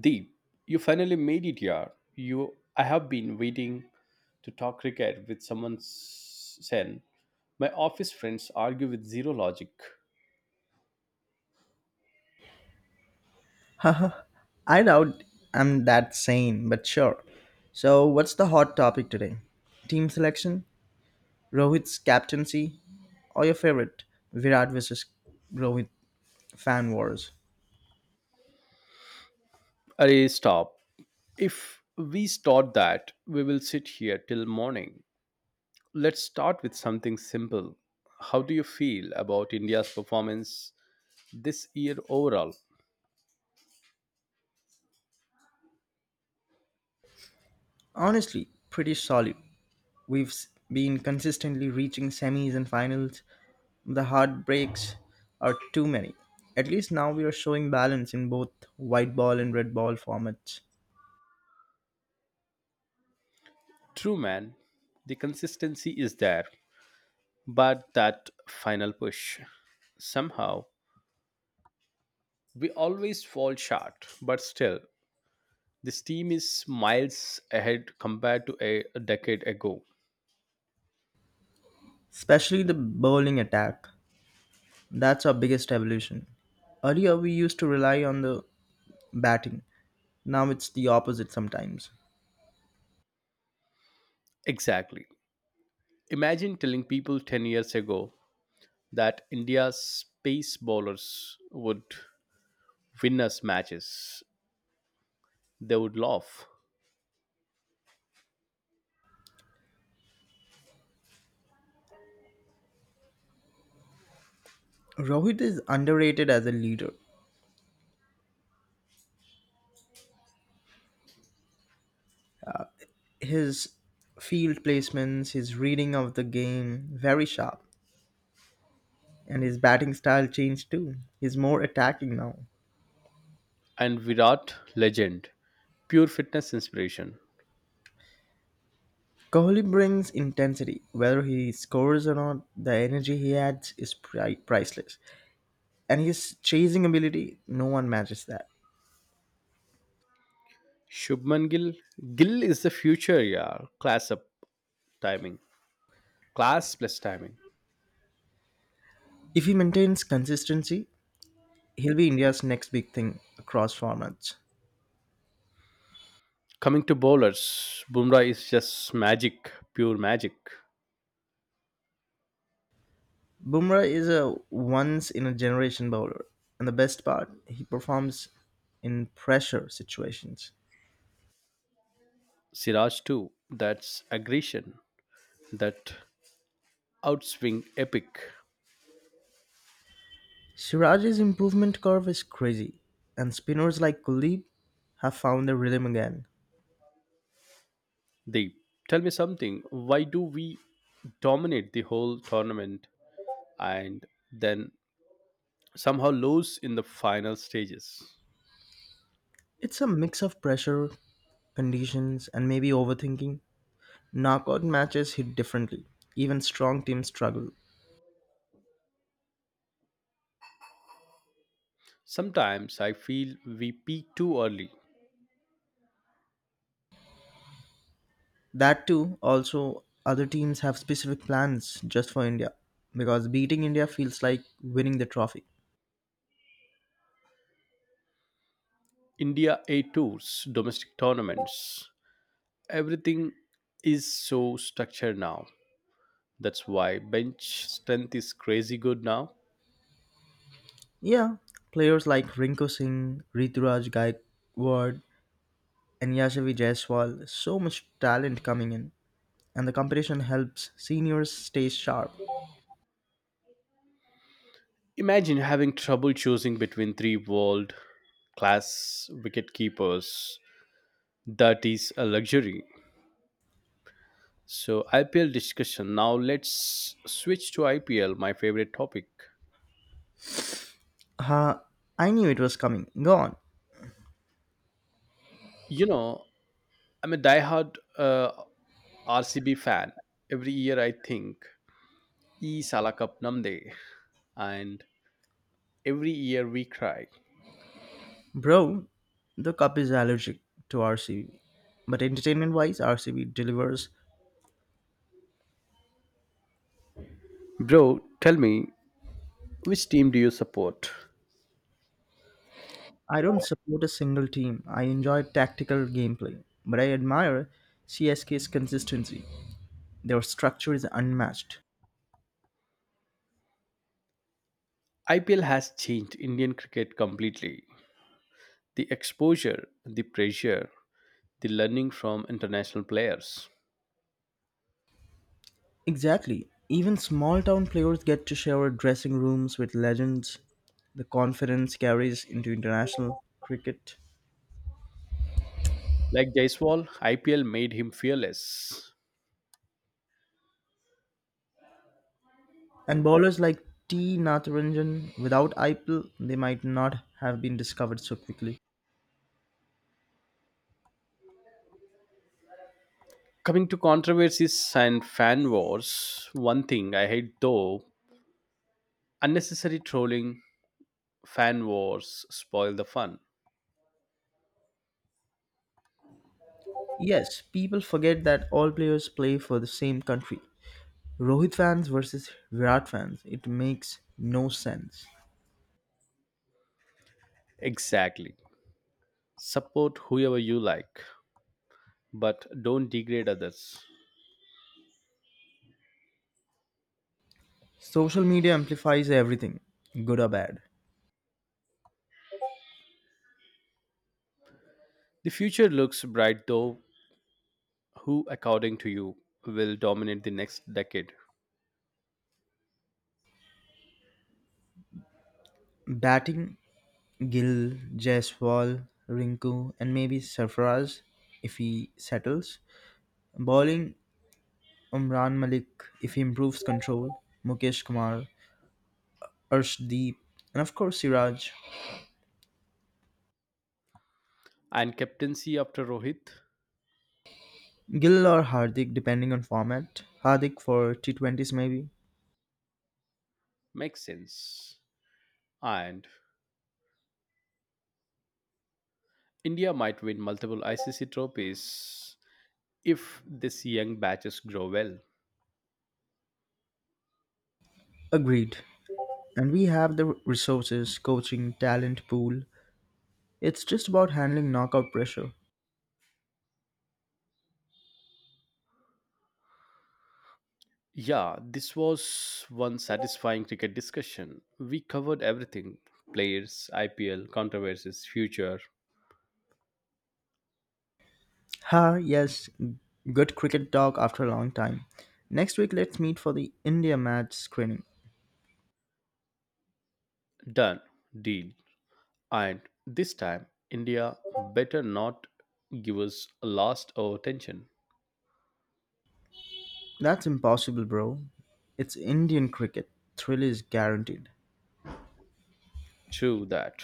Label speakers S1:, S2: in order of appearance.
S1: Deep, you finally made it here. I have been waiting to talk cricket with someone sane. My office friends argue with zero logic.
S2: I doubt I'm that sane, but sure. So, what's the hot topic today? Team selection, Rohit's captaincy, or your favorite, Virat versus Rohit fan wars?
S1: Array, stop. If we start that, we will sit here till morning. Let's start with something simple. How do you feel about India's performance this year overall?
S2: Honestly, pretty solid. We've been consistently reaching semis and finals. The heartbreaks are too many. At least now we are showing balance in both white ball and red ball formats,
S1: True, man. The consistency is there, but that final push. Somehow, we always fall short, but still, this team is miles ahead compared to a decade ago.
S2: especially the bowling attack. That's our biggest evolution. Earlier, we used to rely on the batting. Now it's the opposite sometimes.
S1: Exactly. Imagine telling people 10 years ago that India's space bowlers would win us matches. They would laugh.
S2: Rohit is underrated as a leader. His field placements, his reading of the game, very sharp. And his batting style changed too. He's more attacking now.
S1: And Virat, legend, pure fitness inspiration.
S2: Kohli brings intensity. Whether he scores or not, the energy he adds is priceless. And his chasing ability, no one matches that.
S1: Shubman Gill is the future, yeah. Timing, class plus timing.
S2: If he maintains consistency, he'll be India's next big thing across formats.
S1: Coming to bowlers, Bumrah is just magic, pure magic.
S2: Bumrah is a once in a generation bowler, and the best part, he performs in pressure situations.
S1: Siraj too, that's aggression, that outswing epic.
S2: Siraj's improvement curve is crazy, and spinners like Kuldeep have found their rhythm again.
S1: Deep, tell me something. Why do we dominate the whole tournament and then somehow lose in the final stages?
S2: It's a mix of pressure, conditions, and maybe overthinking. Knockout matches hit differently. Even strong teams struggle.
S1: Sometimes I feel we peak too early.
S2: That too, also, other teams have specific plans just for India because beating India feels like winning the trophy.
S1: India A tours, domestic tournaments, everything is so structured now. That's why bench strength is crazy good now.
S2: Yeah, players like Rinku Singh, Rituraj Gaikwad, and Yashavi Jaiswal, so much talent coming in, and the competition helps seniors stay sharp.
S1: Imagine having trouble choosing between three world class wicketkeepers. That is a luxury. So, IPL discussion. Now, let's switch to IPL, my favorite topic.
S2: Ha, I knew it was coming. Go on.
S1: You know, I'm a diehard RCB fan. Every year I think, E Sala Cup Namde. And every year we cry.
S2: Bro, the cup is allergic to RCB, but entertainment wise, RCB delivers.
S1: Bro, tell me, which team do you support?
S2: I don't support a single team. I enjoy tactical gameplay, but I admire CSK's consistency. Their structure is unmatched.
S1: IPL has changed Indian cricket completely. The exposure, the pressure, the learning from international players.
S2: Exactly. Even small town players get to share dressing rooms with legends. The confidence carries into international cricket.
S1: Like Jaiswal, IPL made him fearless.
S2: And bowlers like T. Natarajan, without IPL, they might not have been discovered so quickly.
S1: Coming to controversies and fan wars, one thing I hate though unnecessary trolling, fan wars spoil the fun.
S2: Yes, people forget that all players play for the same country. Rohit fans versus Virat fans, it makes no sense.
S1: Exactly. Support whoever you like, but don't degrade others.
S2: Social media amplifies everything, good or bad.
S1: The future looks bright though. Who, according to you, will dominate the next decade?
S2: Batting Gil, Jaiswal, Rinku, and maybe Sarfaraz if he settles. Bowling Umran Malik if he improves control, Mukesh Kumar, Arshdeep, and of course Siraj.
S1: And captaincy after Rohit
S2: Gill or Hardik depending on format. Hardik for T20s maybe.
S1: makes sense. And India might win multiple ICC trophies if this young batches grow well.
S2: Agreed. And we have the resources, coaching, talent pool. It's just about handling knockout pressure.
S1: Yeah, this was one satisfying cricket discussion. We covered everything players, IPL, controversies, future.
S2: Ha, yes, good cricket talk after a long time. Next week, let's meet for the India match screening.
S1: Done. Deal. And this time, India better not give us a last hour attention.
S2: That's impossible, bro. It's Indian cricket. Thrill is guaranteed.
S1: True that.